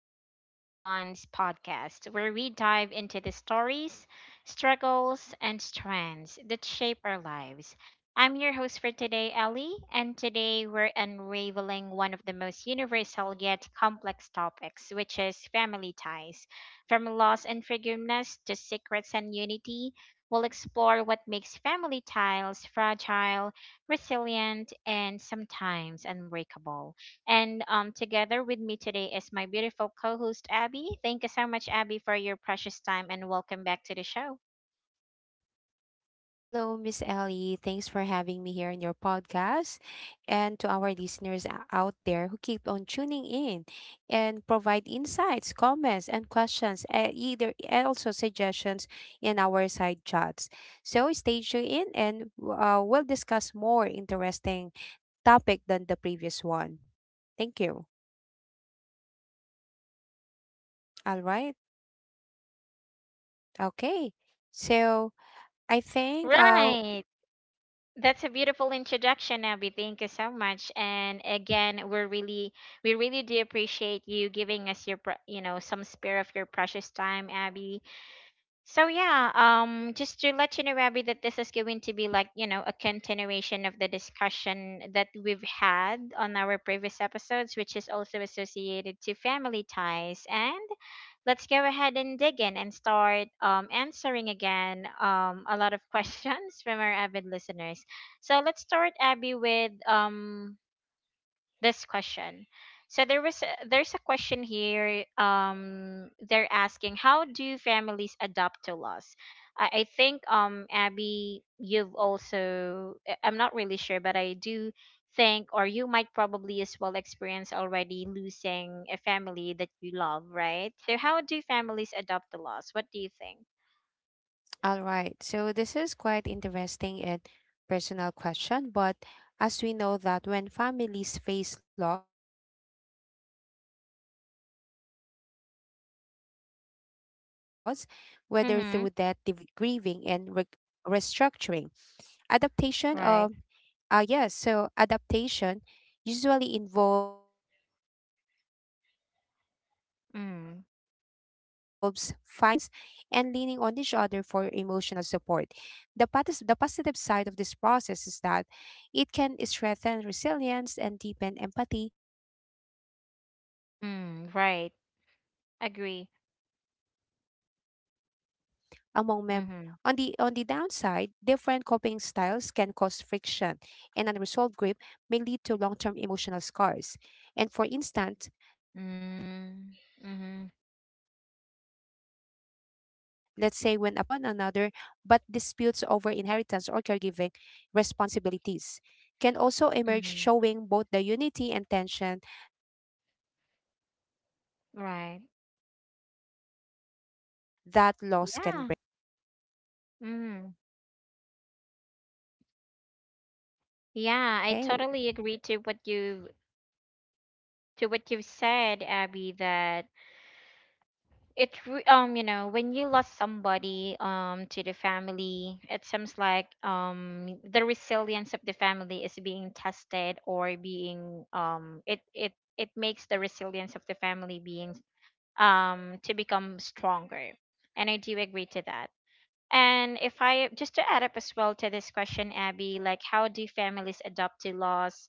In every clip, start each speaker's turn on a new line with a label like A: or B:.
A: Unspoken Bonds podcast, where we dive into the stories, struggles, and strands that shape our lives. I'm your host for today, Ellie, and today we're unraveling one of the most universal yet complex topics, which is family ties. From loss and forgiveness to secrets and unity, we'll explore what makes family ties fragile, resilient, and sometimes unbreakable. And Together with me today is my beautiful co host, Abby. Thank you so much, Abby, for your precious time and welcome back to the show.
B: Hello, Miss Ellie. Thanks for having me here in your podcast. And to our listeners out there who keep on tuning in and provide insights, comments, and questions, either and also suggestions in our side chats. So stay tuned in and we'll discuss more interesting topic than the previous one. Thank you. All right. Okay. So I think
A: Right. That's a beautiful introduction, Abby. Thank you so much. And again, we really do appreciate you giving us your, pre- you know, some spare of your precious time, Abby. So yeah, just to let you know, Abby, that this is going to be like a continuation of the discussion that we've had on our previous episodes, which is also associated to family ties. And let's go ahead and dig in and start answering again a lot of questions from our avid listeners. So let's start, Abby, with this question. So there's a question here. They're asking, how do families adapt to loss? I think Abby, you've also I'm not really sure, but I do think or you might probably as well experience already losing a family that you love, right? So how do families adapt to loss? What do you think?
B: All right. So this is quite interesting and personal question, but as we know that when families face loss, whether through death, divorce, or estrangement, they often undergo a process of grieving and
A: Mm-hmm.
B: restructuring, adaptation, um,
A: Right.
B: uh, yes, so adaptation usually involves finding new roles,
A: Mm.
B: rediscovering traditions, and leaning on each other for emotional support. The positive side of this process is that it can strengthen resilience and deepen empathy among
A: Mm. Right.
B: members, creating bonds that
A: Agree.
B: endure hardship. And on the
A: Mm-hmm.
B: on the downside, different coping styles can cause friction, and unresolved grief may lead to long-term emotional scars. And
A: Mm,
B: for
A: mhm,
B: instance, let's say when a parent passes away, siblings may grow closer by supporting one another, but disputes over inheritance or
A: mhm.
B: caregiving responsibilities can also emerge
A: Right.
B: showing both the unity and tension that loss
A: Yeah.
B: can bring. Yeah, that's my answer, Miss
A: Mm.
B: Ellie. What do you think? All
A: Yeah, I
B: right.
A: totally agree to what you to what you've said, Abby, that
B: Okay.
A: you know, when you lost somebody to the family, it seems like the resilience of the family is being tested or being um, it makes the resilience of the family being to become stronger. And I do agree to that. And if I just to add up as well to this question, Abby, like how do families adopt to laws?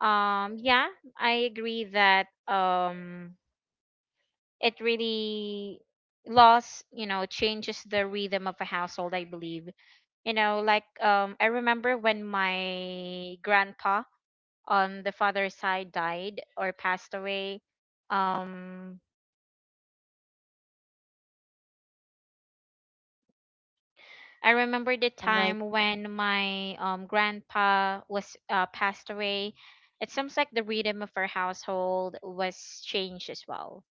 A: Yeah, I agree that it really laws, you know, changes the rhythm of a household. I believe, you know, like I remember when my grandpa on the father's side died or passed away. Um, I remember the time when my grandpa was
B: All right.
A: passed away. It seems like the rhythm of our household was changed as well,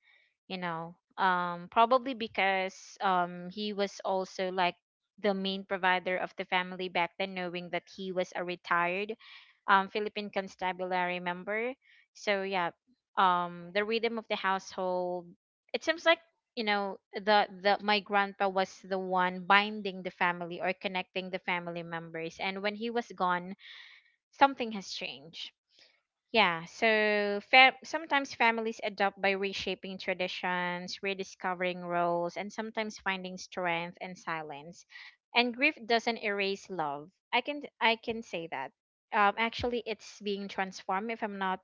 A: you know, probably because he was also like the main provider of the family back then, knowing that he was a retired Philippine constabulary member. So yeah, the rhythm of the household, it seems like, you know, the my grandpa was the one binding the family or connecting the family members, and when he was gone, something has changed. Yeah, so sometimes families adopt by reshaping traditions, rediscovering roles, and sometimes finding strength in silence. And grief doesn't erase love. I can say that. Actually, it's being transformed if I'm not,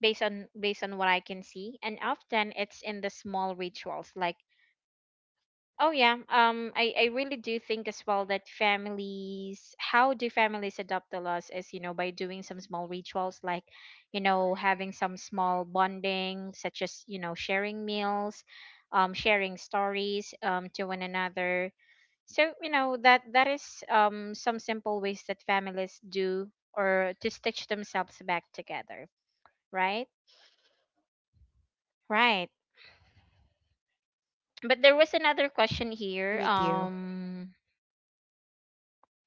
A: based on what I can see, and often it's in the small rituals like, oh yeah. I really do think as well that families, how do families adopt the laws is, you know, by doing some small rituals like, you know, having some small bonding, such as, you know, sharing meals, sharing stories to one another. So, you know, that is some simple ways that families do or to stitch themselves back together, right? Right.
B: Yes,
A: But
B: agree
A: there
B: with
A: was
B: you.
A: another question here. Um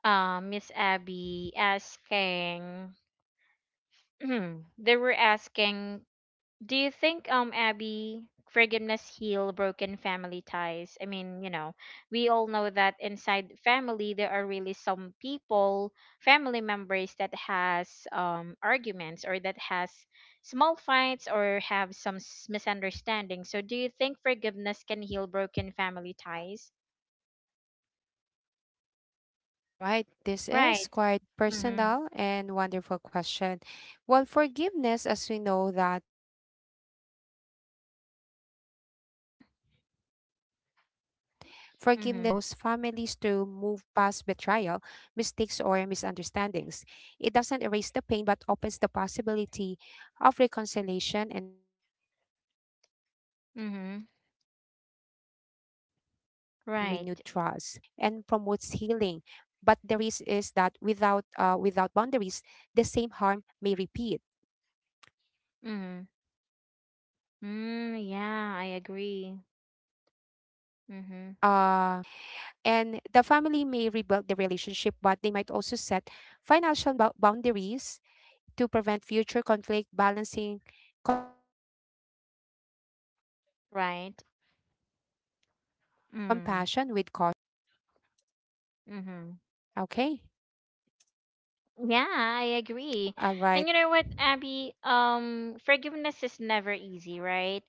A: um, Miss Abby asking, they were asking, do you think, Abby, forgiveness heal broken family ties? I mean, you know, we all know that inside family there are really some people, family members that has arguments or that has small fights or have misunderstanding. So, do you think forgiveness can heal broken family ties?
B: All right, this is
A: Right.
B: quite
A: Mm-hmm.
B: personal and wonderful question. Well, forgiveness, as we know that forgiveness is
A: Uh huh.
B: often the bridge that allows families to
A: Mm-hmm.
B: move past betrayal, mistakes, or misunderstandings. It doesn't erase the pain but opens the possibility of reconciliation and renewed trust. The benefit of forgiveness
A: Mm-hmm.
B: is that it reduces resentment and
A: Right.
B: promotes healing but the risk is that without boundaries the same harm may repeat
A: Mm.
B: uh, the same harm
A: Mm, yeah, I
B: would repeat.
A: agree.
B: Mhm.
A: Mm-hmm.
B: And the family may rebuild the relationship but they might also set financial boundaries to prevent future conflict balancing compassion with caution. Yeah, I think that's
A: Right.
B: my answer, Miss Ellie.
A: Mm.
B: Okay.
A: Mm-hmm. Yeah, I
B: All
A: agree.
B: right.
A: And you know what, Abby? Forgiveness is never easy, right?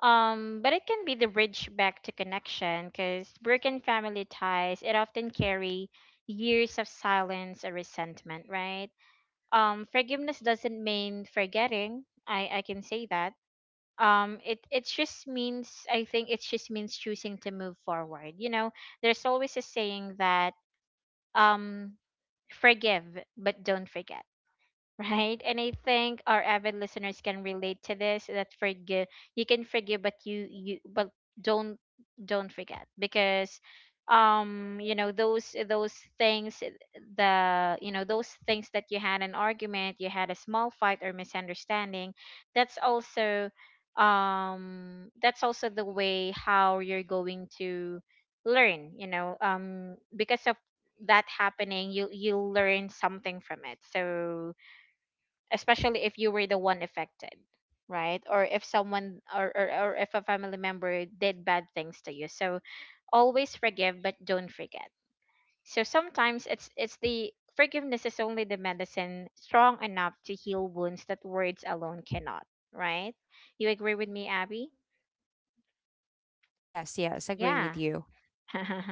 A: But it can be the bridge back to connection because broken family ties, it often carry years of silence or resentment, right? Forgiveness doesn't mean forgetting. I can say that, it it just means I think it just means choosing to move forward, you know. There's always a saying that, um forgive but don't forget, right? And I think our avid listeners can relate to this. That forgive, you can forgive, but you but don't don't forget, because you know those things, the you know, those things that you had an argument, you had a small fight or misunderstanding. That's also um that's also the way how you're going to learn, you know, because of that happening, you you'll learn something from it. So especially if you were the one affected, right? Or if someone, or if a family member did bad things to you, so always forgive but don't forget. So sometimes it's the forgiveness is only the medicine strong enough to heal wounds that words alone cannot, right? You agree with me, Abby?
B: Yes, agree with
A: Yeah.
B: you.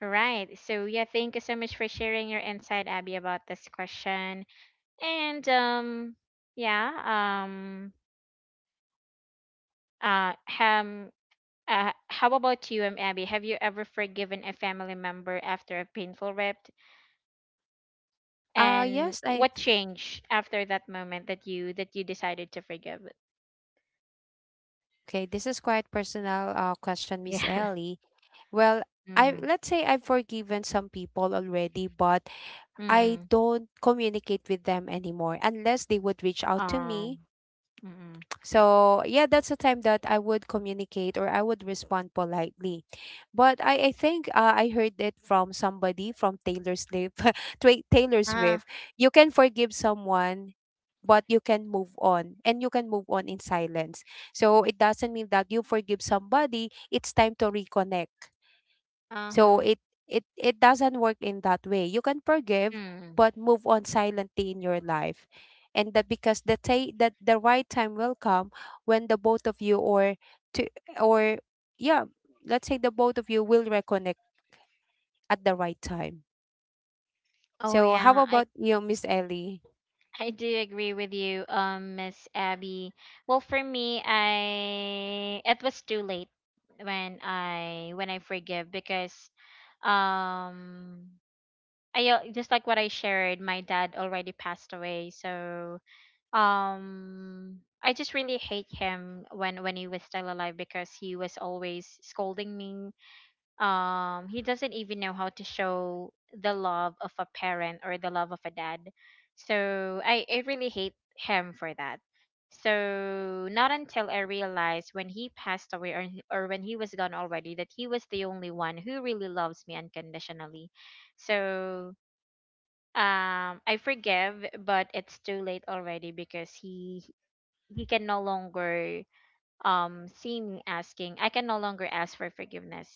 A: Right. So yeah, thank you so much for sharing your insight, Abby, about this question. And yeah uh, um how about you, Abby? Have you ever forgiven a family member after a painful rip?
B: uh
A: And
B: yes i
A: what
B: th-
A: changed after that moment that you decided to forgive?
B: Okay, this is quite personal question, Miss
A: Yeah.
B: Ellie. Well, I
A: Mm.
B: let's say I've forgiven some people already, but I
A: Mm.
B: don't communicate with them anymore unless they would reach out to me.
A: Um. Mm.
B: So yeah, that's a time that I would communicate or I would respond politely. But I heard it from somebody from Taylor Swift. Taylor
A: Uh,
B: Swift. You can forgive someone, but you can move on, and you can move on in silence. So it doesn't mean that you forgive somebody. It's time to reconnect. So
A: uh-huh.
B: it doesn't work in that way. You can forgive
A: Mm.
B: but move on silently in your life. And that because the ta- that the right time will come when the both of you or to or yeah, let's say the both of you will reconnect at the right time.
A: Oh
B: So how
A: yeah,
B: about you, Miss Ellie?
A: I do agree with you, Miss Abby. Well, for me, I it was too late when I forgive, because um I just like what I shared, my dad already passed away, so I just really hate him when he was still alive because he was always scolding me. Um, he doesn't even know how to show the love of a parent or the love of a dad. So I really hate him for that. So not until I realized when he passed away, or when he was gone already, that he was the only one who really loves me unconditionally. So I forgive, but it's too late already because he can no longer see me asking, I can no longer ask for forgiveness.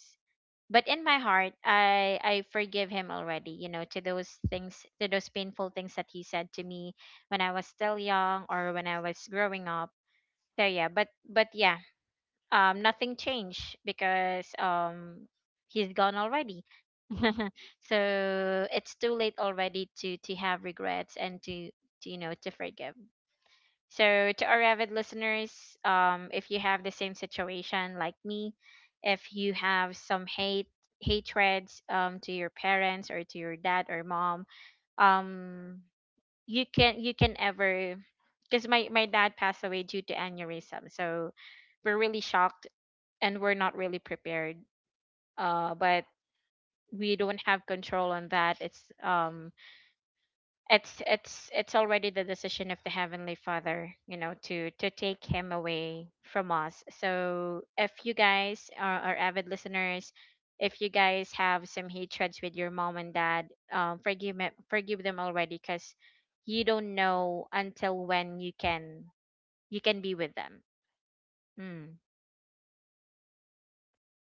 A: But in my heart, I forgive him already, you know, to those things, to those painful things that he said to me when I was still young or when I was growing up. So yeah, but yeah, nothing changed because he's gone already. So it's too late already to have regrets and to you know, to forgive. So to our avid listeners, if you have the same situation like me, if you have some hate hatreds to your parents or to your dad or mom, um you can, you can ever, because my dad passed away due to aneurysm, so we're really shocked and we're not really prepared, but we don't have control on that. It's it's already the decision of the heavenly father, you know, to take him away from us. So if you guys are avid listeners, if you guys have some hatreds with your mom and dad, forgive me, forgive them already, because you don't know until when you can be with them. Hmm.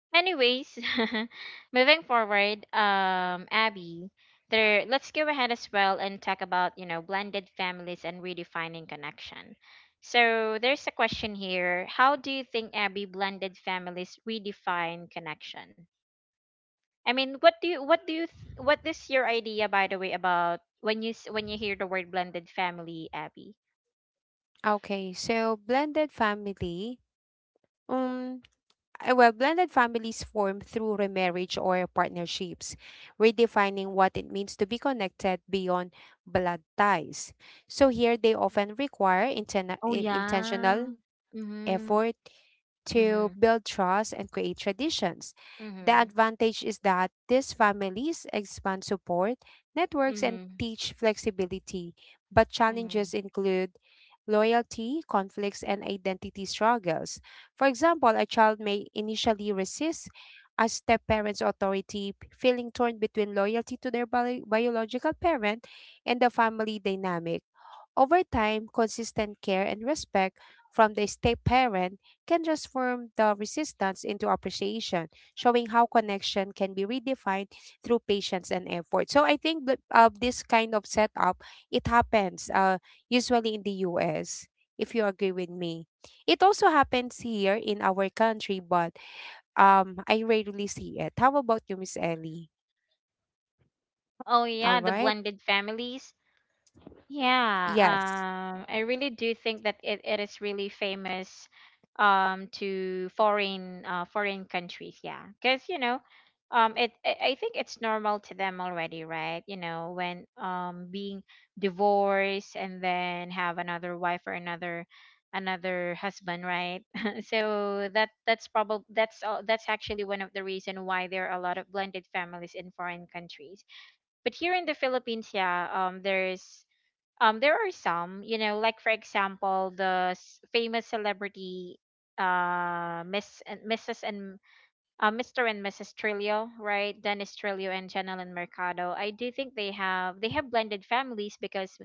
A: Anyways, moving forward, Abby, there. Let's go ahead as well and talk about, you know, blended families and redefining connection. So there's a question here. How do you think, Abby, blended families redefine connection? I mean, what do you what is your idea, by the way, about when you when you hear the word blended family, Abby?
B: Okay, so blended family. Well, blended families form through remarriage or partnerships, redefining what it means to be connected beyond blood ties. So here they often require
A: Oh yeah.
B: intentional
A: Mhm.
B: effort to
A: Mhm.
B: build trust and create traditions. The
A: Mhm.
B: advantage is that these families expand support networks and
A: Mhm.
B: teach flexibility, but challenges
A: Mhm.
B: include loyalty, conflicts, and identity struggles. For example, a child may initially resist a step parent's authority, feeling torn between loyalty to their biological parent and the family dynamic. Over time, consistent care and respect from the step parent can transform the resistance into appreciation, showing how connection can be redefined through patience and effort. So I think that this kind of setup it happens usually in the U.S. If you agree with me, it also happens here in our country, but I rarely see it. How about you, Miss Ellie?
A: Oh
B: All
A: yeah, the
B: right.
A: blended families. Yeah,
B: Yes.
A: I really do think that it is really famous to foreign foreign countries, yeah. Because you know, it I think it's normal to them already, right? You know, when being divorced and then have another wife or another husband, right? So that that's probably that's all that's actually one of the reason why there are a lot of blended families in foreign countries. But here in the Philippines, yeah, there are some, you know, like for example, famous celebrity, Miss and Mrs. and Mr. and Mrs. Trillo, right? Dennis Trillo and Janelyn Mercado. I do think they have blended families because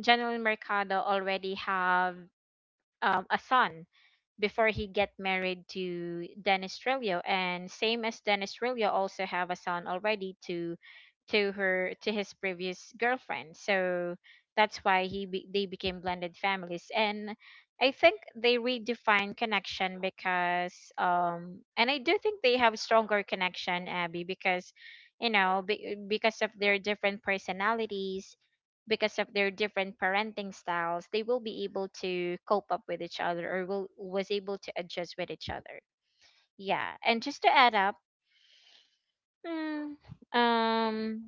A: Janelyn Mercado already have a son before he get married to Dennis Trillo, and same as Dennis Trillo also have a son already to her to his previous girlfriend. So that's why they became blended families. And I think they redefine connection because and I do think they have stronger connection, Abby, because you know because of their different personalities, because of their different parenting styles, they will be able to cope up with each other or will was able to adjust with each other. Yeah, and just to add up, mm, um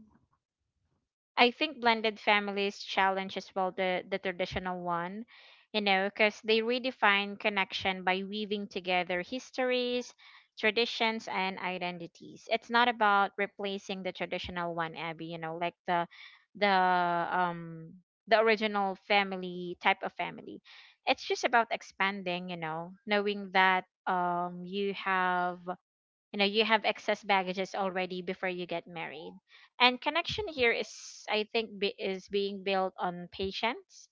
A: I think blended families challenge as well the traditional one, you know, because they redefine connection by weaving together histories, traditions, and identities. It's not about replacing the traditional one, Abby. You know, like the the original family type of family. It's just about expanding. You know, knowing that you have you have excess baggages already before you get married. And connection here is, I think, is being built on patience,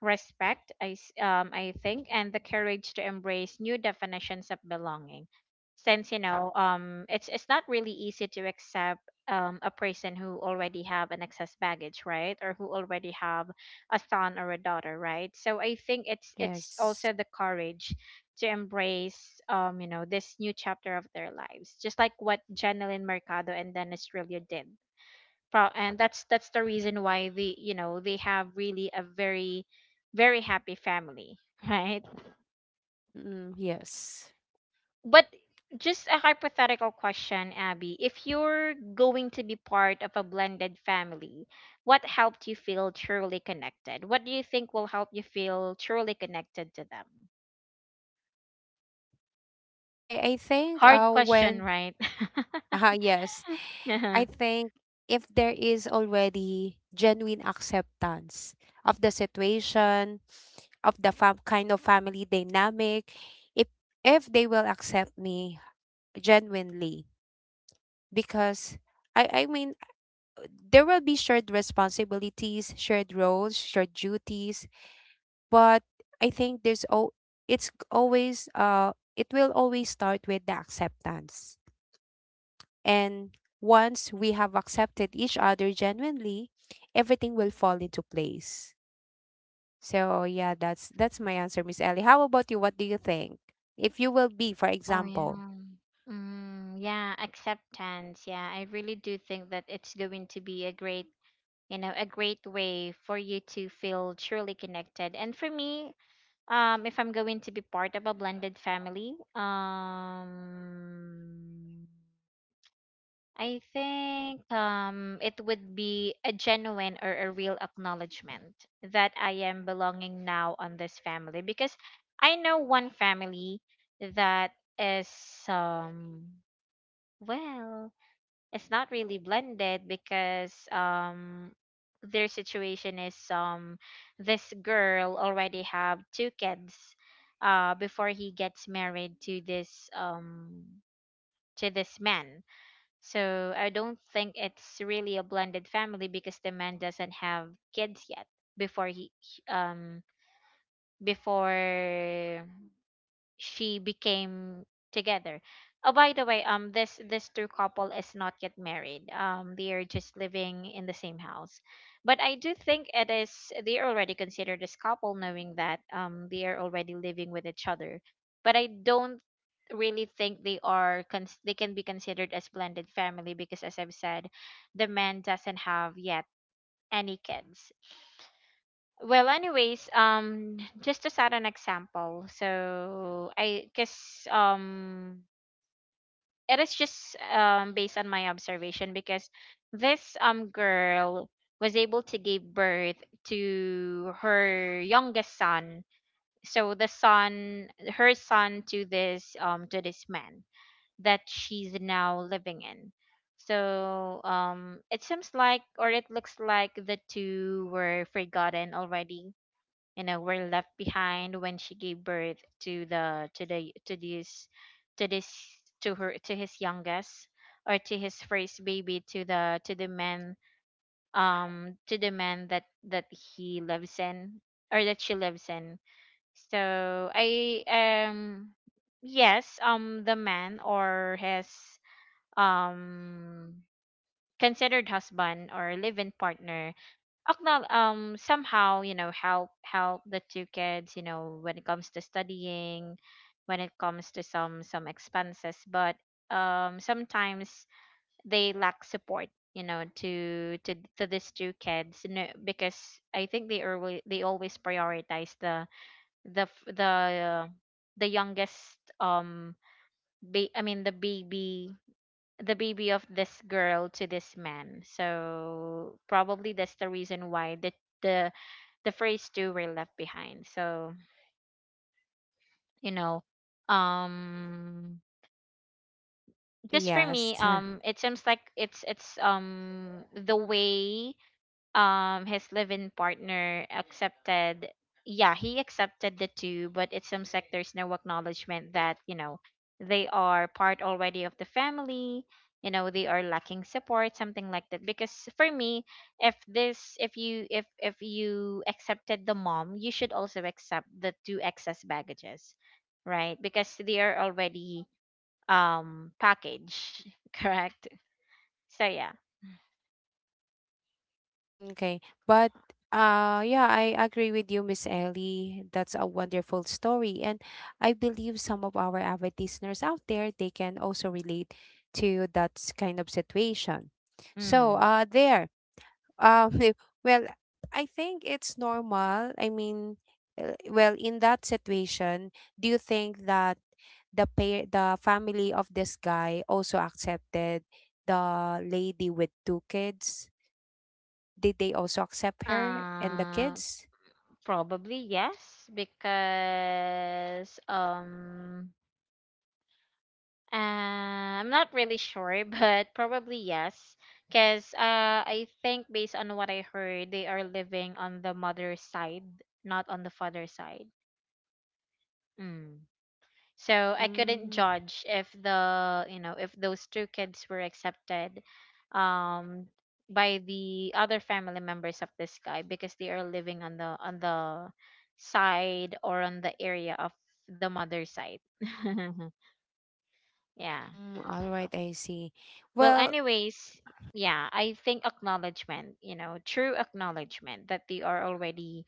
A: respect, I think, and the courage to embrace new definitions of belonging. Since you know, it's not really easy to accept a person who already have an excess baggage, right, or who already have a son or a daughter, right. So I think it's
B: Yes.
A: also the courage to embrace, you know, this new chapter of their lives, just like what Janelyn Mercado and Dennis Trillo did. And that's the reason why they, you know, they have really a very very happy family, right?
B: Mm-mm, yes.
A: But just a hypothetical question, Abby, if you're going to be part of a blended family, what helped you feel truly connected? What do you think will help you feel truly connected to them?
B: Okay, I think
A: Hard
B: uh
A: question,
B: when
A: right?
B: uh yes, I
A: Yeah.
B: think if there is already genuine acceptance of the situation, of the kind of family dynamic, if if they will accept me genuinely because I mean there will be shared responsibilities, shared roles, shared duties, but I think there's o- it's always it will always start with the acceptance. And once we have accepted each other genuinely, everything will fall into place. So yeah, that's my answer, Miss Ellie. How about you? What do you think? If you will be, for
A: Oh
B: example.
A: yeah. Mm, yeah, acceptance. Yeah, I really do think that it's going to be a great, you know, a great way for you to feel truly connected. And for me, if I'm going to be part of a blended family, I think it would be a genuine or a real acknowledgement that I am belonging now on this family. Because I know one family that is, um well, it's not really blended because their situation is, this girl already have two kids before he gets married to this to this man. So I don't think it's really a blended family because the man doesn't have kids yet before before she became together. Oh, by the way, this this true couple is not yet married. They are just living in the same house, but I do think it is, they are already considered as couple, knowing that they are already living with each other. But I don't really think they are they can be considered as blended family because, as I've said, the man doesn't have yet any kids. Well, anyways, just to set an example, so I guess it is just based on my observation, because this girl was able to give birth to her youngest son. So the son, her son, to this to this man that she's now living in. So it seems like, or it looks like, the two were forgotten already, you know, were left behind when she gave birth to the to the to this to this to his youngest or to his first baby to the man, to the man that he lives in, or that she lives in. So I yes, the man or his um considered husband or live-in partner somehow, you know, help the two kids, you know, when it comes to studying, when it comes to some expenses, but sometimes they lack support, you know, to these two kids, you know, because I think they always prioritize the the f- the the youngest, the baby, the baby of this girl to this man. So probably that's the reason why the the first two were left behind. So, you know, um just for me,
B: Yes.
A: it seems like it's the way his live-in partner accepted, yeah, he accepted the two, but in some sectors no acknowledgement that, you know, they are part already of the family. You know, they are lacking support, something like that, because for me, if this if you accepted the mom, you should also accept the two excess baggages, right? Because they are already packaged, correct? So yeah.
B: Okay. But yeah, I agree with you, Miss Ellie. That's a wonderful story. And I believe some of our avid listeners out there they can also relate to that kind of situation. So
A: Mm.
B: there. Uh well, I think it's normal. I mean, well, in that situation, do you think that the pair, the family of this guy also accepted the lady with two kids? Did they also accept her and the
A: Uh,
B: kids?
A: probably yes, because I'm not really sure, but probably yes, because I think based on what I heard, they are living on the mother's side, not on the father's side. Mm. So I couldn't
B: Mm,
A: judge if the, you know, if those two kids were accepted um by the other family members of this guy, because they are living on the side or on the area of the mother's side. Yeah.
B: mm, all right, I see.
A: Well,
B: Well,
A: anyways, yeah, I think acknowledgement, you know, true acknowledgement that they are already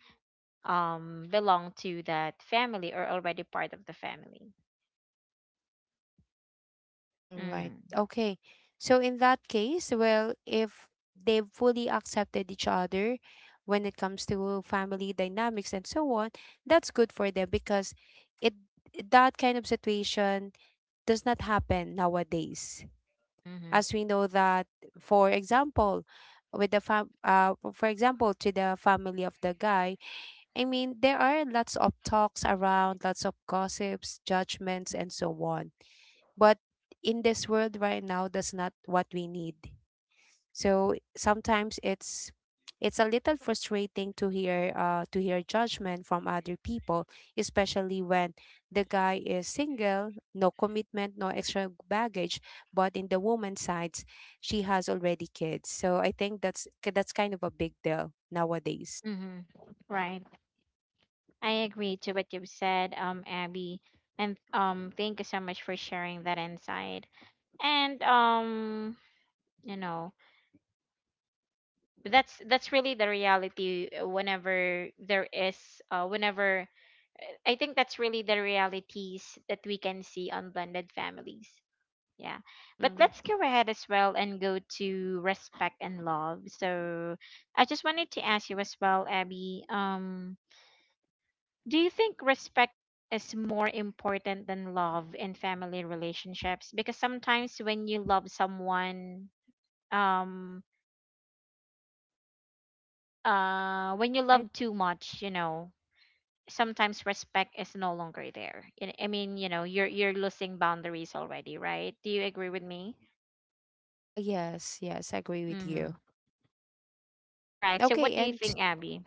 A: belong to that family or already part of the family.
B: all right.
A: Mm.
B: Okay. So in that case, well, if they've fully accepted each other when it comes to family dynamics and so on, that's good for them because it that kind of situation does not happen nowadays.
A: Mhm.
B: As we know that, for example, with the fam for example to the family of the guy, I mean there are lots of talks around, lots of gossips, judgments and so on, but in this world right now that's not what we need. So sometimes it's a little frustrating to hear judgment from other people, especially when the guy is single, no commitment, no extra baggage, but in the woman's sides she has already kids, so I think that's kind of a big deal nowadays.
A: Mhm. Right. I agree to what you've said, Abby, and thank you so much for sharing that insight. And you know, that's really the reality. Whenever there is, whenever I think that's really the realities that we can see on blended families. Yeah, but
B: Mm-mm.
A: let's go ahead as well and go to respect and love. So I just wanted to ask you as well, Abby. Do you think respect is more important than love in family relationships? Because sometimes when you love someone, um, when you
B: Right.
A: love too much, you know, sometimes respect is no longer there. I mean, you know, you're losing boundaries already, right? Do you agree with me?
B: Yes, I agree with
A: Mm-hmm.
B: you.
A: Right. So, what
B: okay
A: do you
B: and t-
A: think, Abby?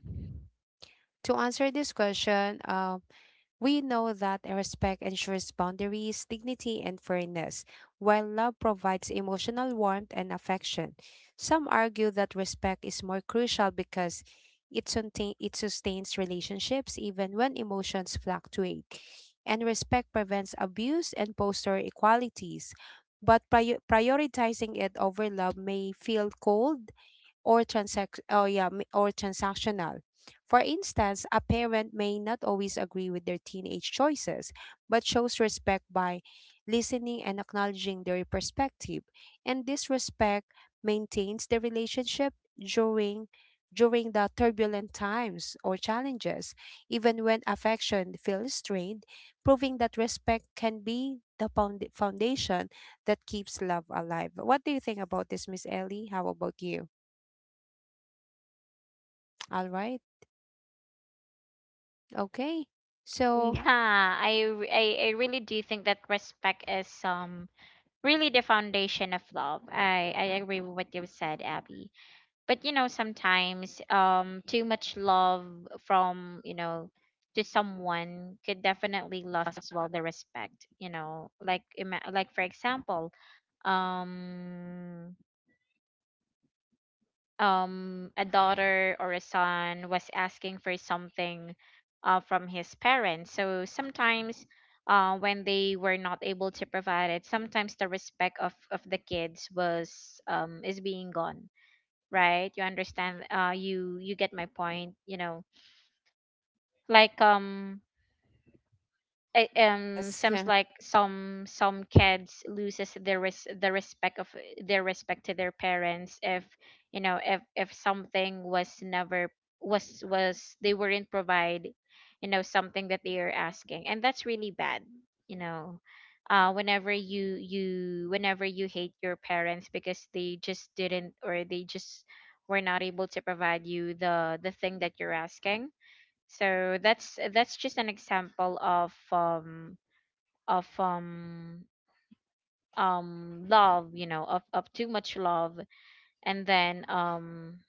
B: to answer this question, we know that respect ensures boundaries, dignity, and fairness, while love provides emotional warmth and affection. Some argue that respect is more crucial because it sustains relationships even when emotions fluctuate, and respect prevents abuse and poster equalities. But prioritizing it over love may feel cold or or transactional. For instance, a parent may not always agree with their teenage choices, but shows respect by listening and acknowledging their perspective. And this respect maintains the relationship during the turbulent times or challenges, even when affection feels strained, proving that respect can be the foundation that keeps love alive. What do you think about this, Miss Ellie? How about you? All right. Okay.
A: Yeah,
B: So,
A: I, r- I really do think that respect is really the foundation of love. I agree with what you said, Abby. But you know sometimes too much love from, you know, to someone could definitely lost as well the respect, you know. Like like for example, um a daughter or a son was asking for something from his parents, so sometimes, when they were not able to provide it, sometimes the respect of the kids was, is being gone, right? You understand? You get my point, you know, like it
B: yes,
A: seems like some kids loses their the respect of their respect to their parents if, you know, if something was never was was they weren't provide, you know, something that they are asking, and that's really bad, you know. Uh, whenever you you whenever you hate your parents because they just didn't or they just were not able to provide you the thing that you're asking. So that's just an example of of um love, you know, of too much love, and then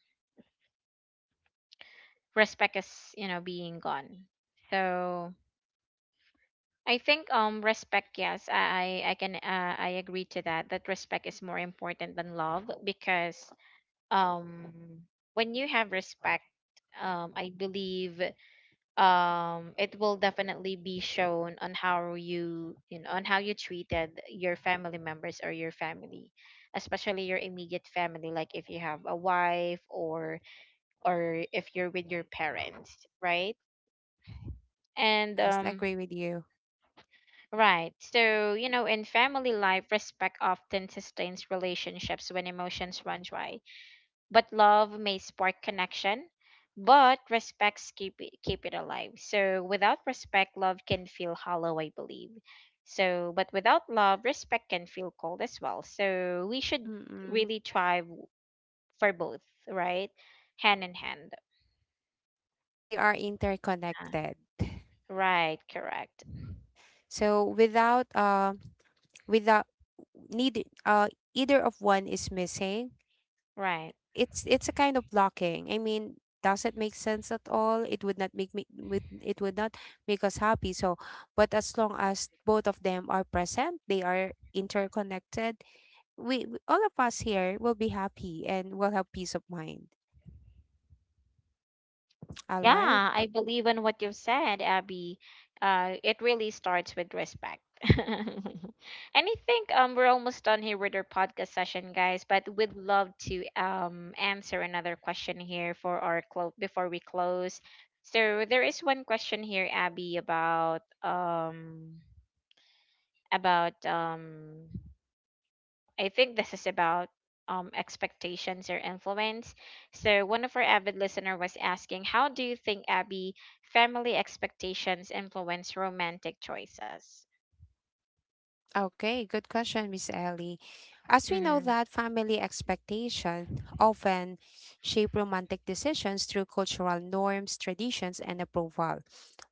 A: respect is, you know, being gone. So I think respect, yes, I agree to that, that respect is more important than love, because um when you have respect, I believe it will definitely be shown on how you, you know, on how you treated your family members or your family, especially your immediate family, like if you have a wife, or if you're with your parents, right? and
B: yes, I agree with you.
A: Right, so you know in family life respect often sustains relationships when emotions run dry, but love may spark connection, but respects keep it alive. So without respect love can feel hollow, I believe. So but without love respect can feel cold as well. So we should
B: Mm-mm.
A: really strive for both, right, hand in hand.
B: They are
A: Uh,
B: interconnected.
A: right, correct,
B: So without without neither either of one is missing,
A: right.
B: it's a kind of blocking. I mean, does it make sense at all? It would it would not make us happy. So, but as long as both of them are present, they are interconnected. All of us here will be happy and will have peace of mind. All right.
A: Yeah, I believe in what you've said, Abby. It really starts with respect. And I think we're almost done here with our podcast session, guys. But we'd love to answer another question here for our before we close. So there is one question here, Abby, about about um I think this is about expectations or influence. So, one of our avid listener was asking, "How do you think Abby family expectations influence romantic choices?"
B: Okay, good question, Miss Ellie. As we know
A: Mm-hmm.
B: that family expectation often shape romantic decisions through cultural norms, traditions, and approval.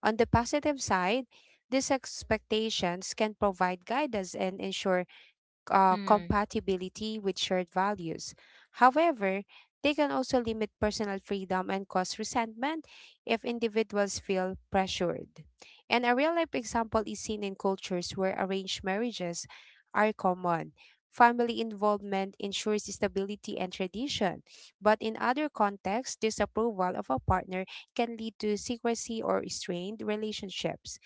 B: On the positive side, these expectations can provide guidance and ensure
A: Mm-hmm.
B: compatibility with shared values. However, they can also limit personal freedom and cause resentment if individuals feel pressured. And a real life example is seen in cultures where arranged marriages are common. Family involvement ensures stability and tradition, but in other contexts, disapproval of a partner can lead to secrecy or strained relationships.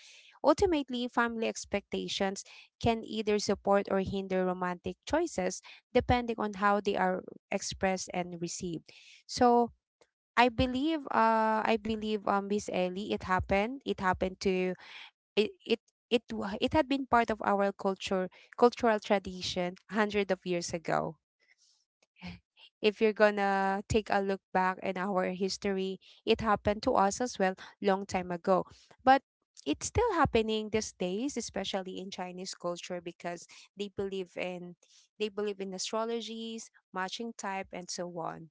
B: Ultimately, family expectations can either support or hinder romantic choices depending on how they are expressed and received. So I believe Miss Ellie it happened. It happened to it it it, it had been part of our culture cultural tradition hundred of years ago. If you're gonna take a look back in our history, it happened to us as well long time ago. But it's still happening these days, especially in Chinese culture, because they believe in they believe in astrologies, matching type, and so on.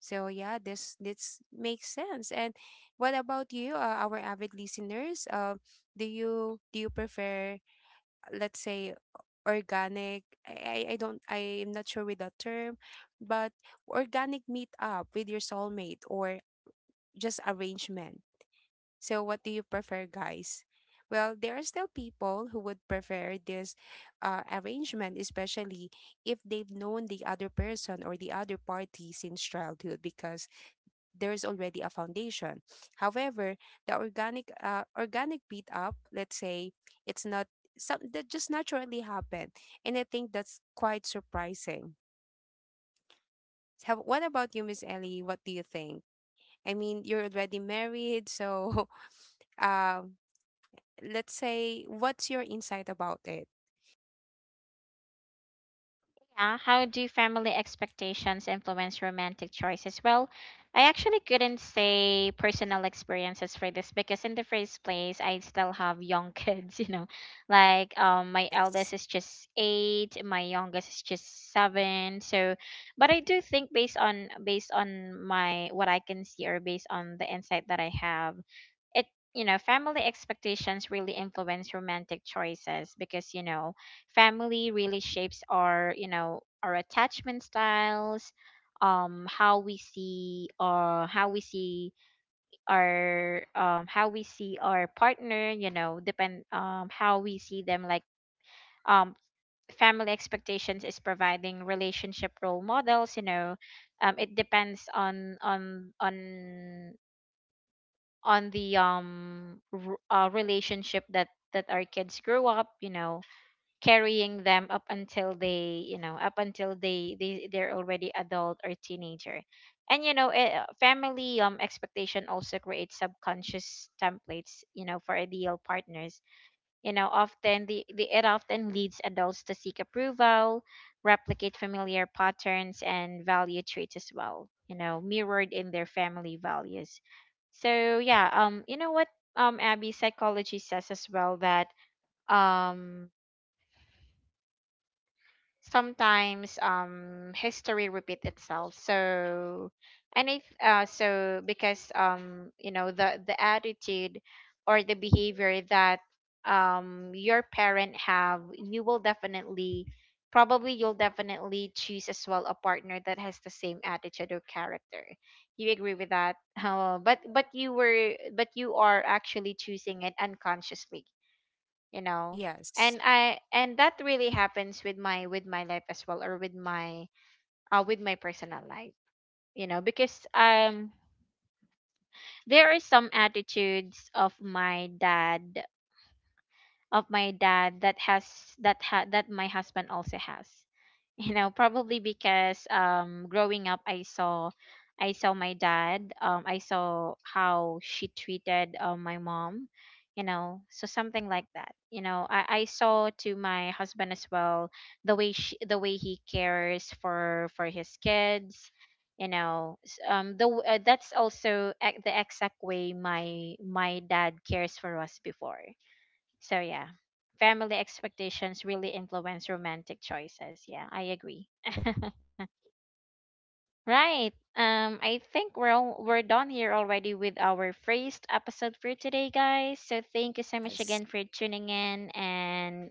B: So yeah, this makes sense. And what about you, our avid listeners? Do you prefer, let's say, organic, I am not sure with that term, but organic meet up with your soulmate or just arrangement. So what do you prefer, guys? Well, there are still people who would prefer this arrangement, especially if they've known the other person or the other party since childhood, because there is already a foundation. However, the organic beat up, let's say, it's not some that just naturally happened, and I think that's quite surprising. How, what about you, Miss Ellie? What do you think? I mean, you're already married, so um, let's say, what's your insight about it?
A: Yeah, how do family expectations influence romantic choices? Well, I actually couldn't say personal experiences for this because in the first place, I still have young kids, you know. Like my eldest
B: Yes,
A: is just 8, my youngest is just 7. So, but I do think based on my what I can see or based on the insight that I have, it, you know, family expectations really influence romantic choices because, you know, family really shapes our, you know, our attachment styles, how we see our how we see our partner, you know, depend, how we see them. Like um family expectations is providing relationship role models, you know. It depends on on the relationship that our kids grew up, you know, carrying them up until they, you know, up until they're already adult or teenager. And you know family expectation also creates subconscious templates, you know, for ideal partners. You know, often the it often leads adults to seek approval, replicate familiar patterns, and value traits as well, you know, mirrored in their family values. So yeah, you know what, Abby, psychology says as well that um sometimes history repeat itself. So and if so because you know the attitude or the behavior that your parent have, you will definitely, probably, you'll definitely choose as well a partner that has the same attitude or character. You agree with that? But you are actually choosing it unconsciously, you know.
B: yes,
A: And I and that really happens with my, life as well, or with my, with my personal life. You know because there are some attitudes of my dad that that my husband also has. You know, probably because growing up I saw, my dad, I saw how she treated, my mom, you know, so something like that. You know, I saw to my husband as well the way the way he cares for his kids, you know. The that's also the exact way my dad cares for us before. So yeah, family expectations really influence romantic choices. Yeah, I agree. Right. I think we're done here already with our first episode for today, guys. So thank you so much
B: yes.
A: again for tuning in. And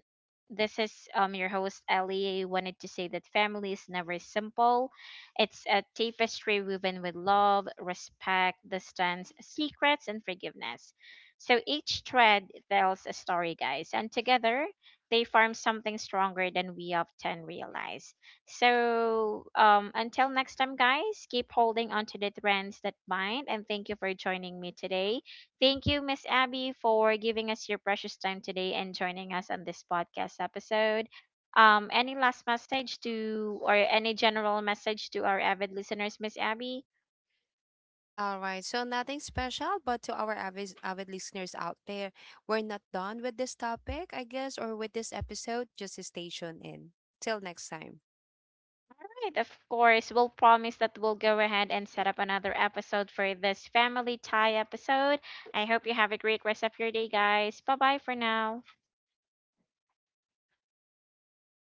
A: this is your host Ellie. I wanted to say that family is never simple. It's a tapestry woven with love, respect, distance, secrets, and forgiveness. So each thread tells a story, guys, and together they form something stronger than we often realize. So, until next time, guys, keep holding on to the trends that bind. And thank you for joining me today. Thank you, Miss Abby, for giving us your precious time today and joining us on this podcast episode. Any last message to, or any general message to our avid listeners, Miss Abby?
B: All right, so nothing special, but to our avid listeners out there, we're not done with this topic, I guess, or with this episode. Just stay tuned in. Till next time.
A: Right, of course, we'll promise that we'll go ahead and set up another episode for this family tie episode. I hope you have a great rest of your day, guys. Bye bye for now.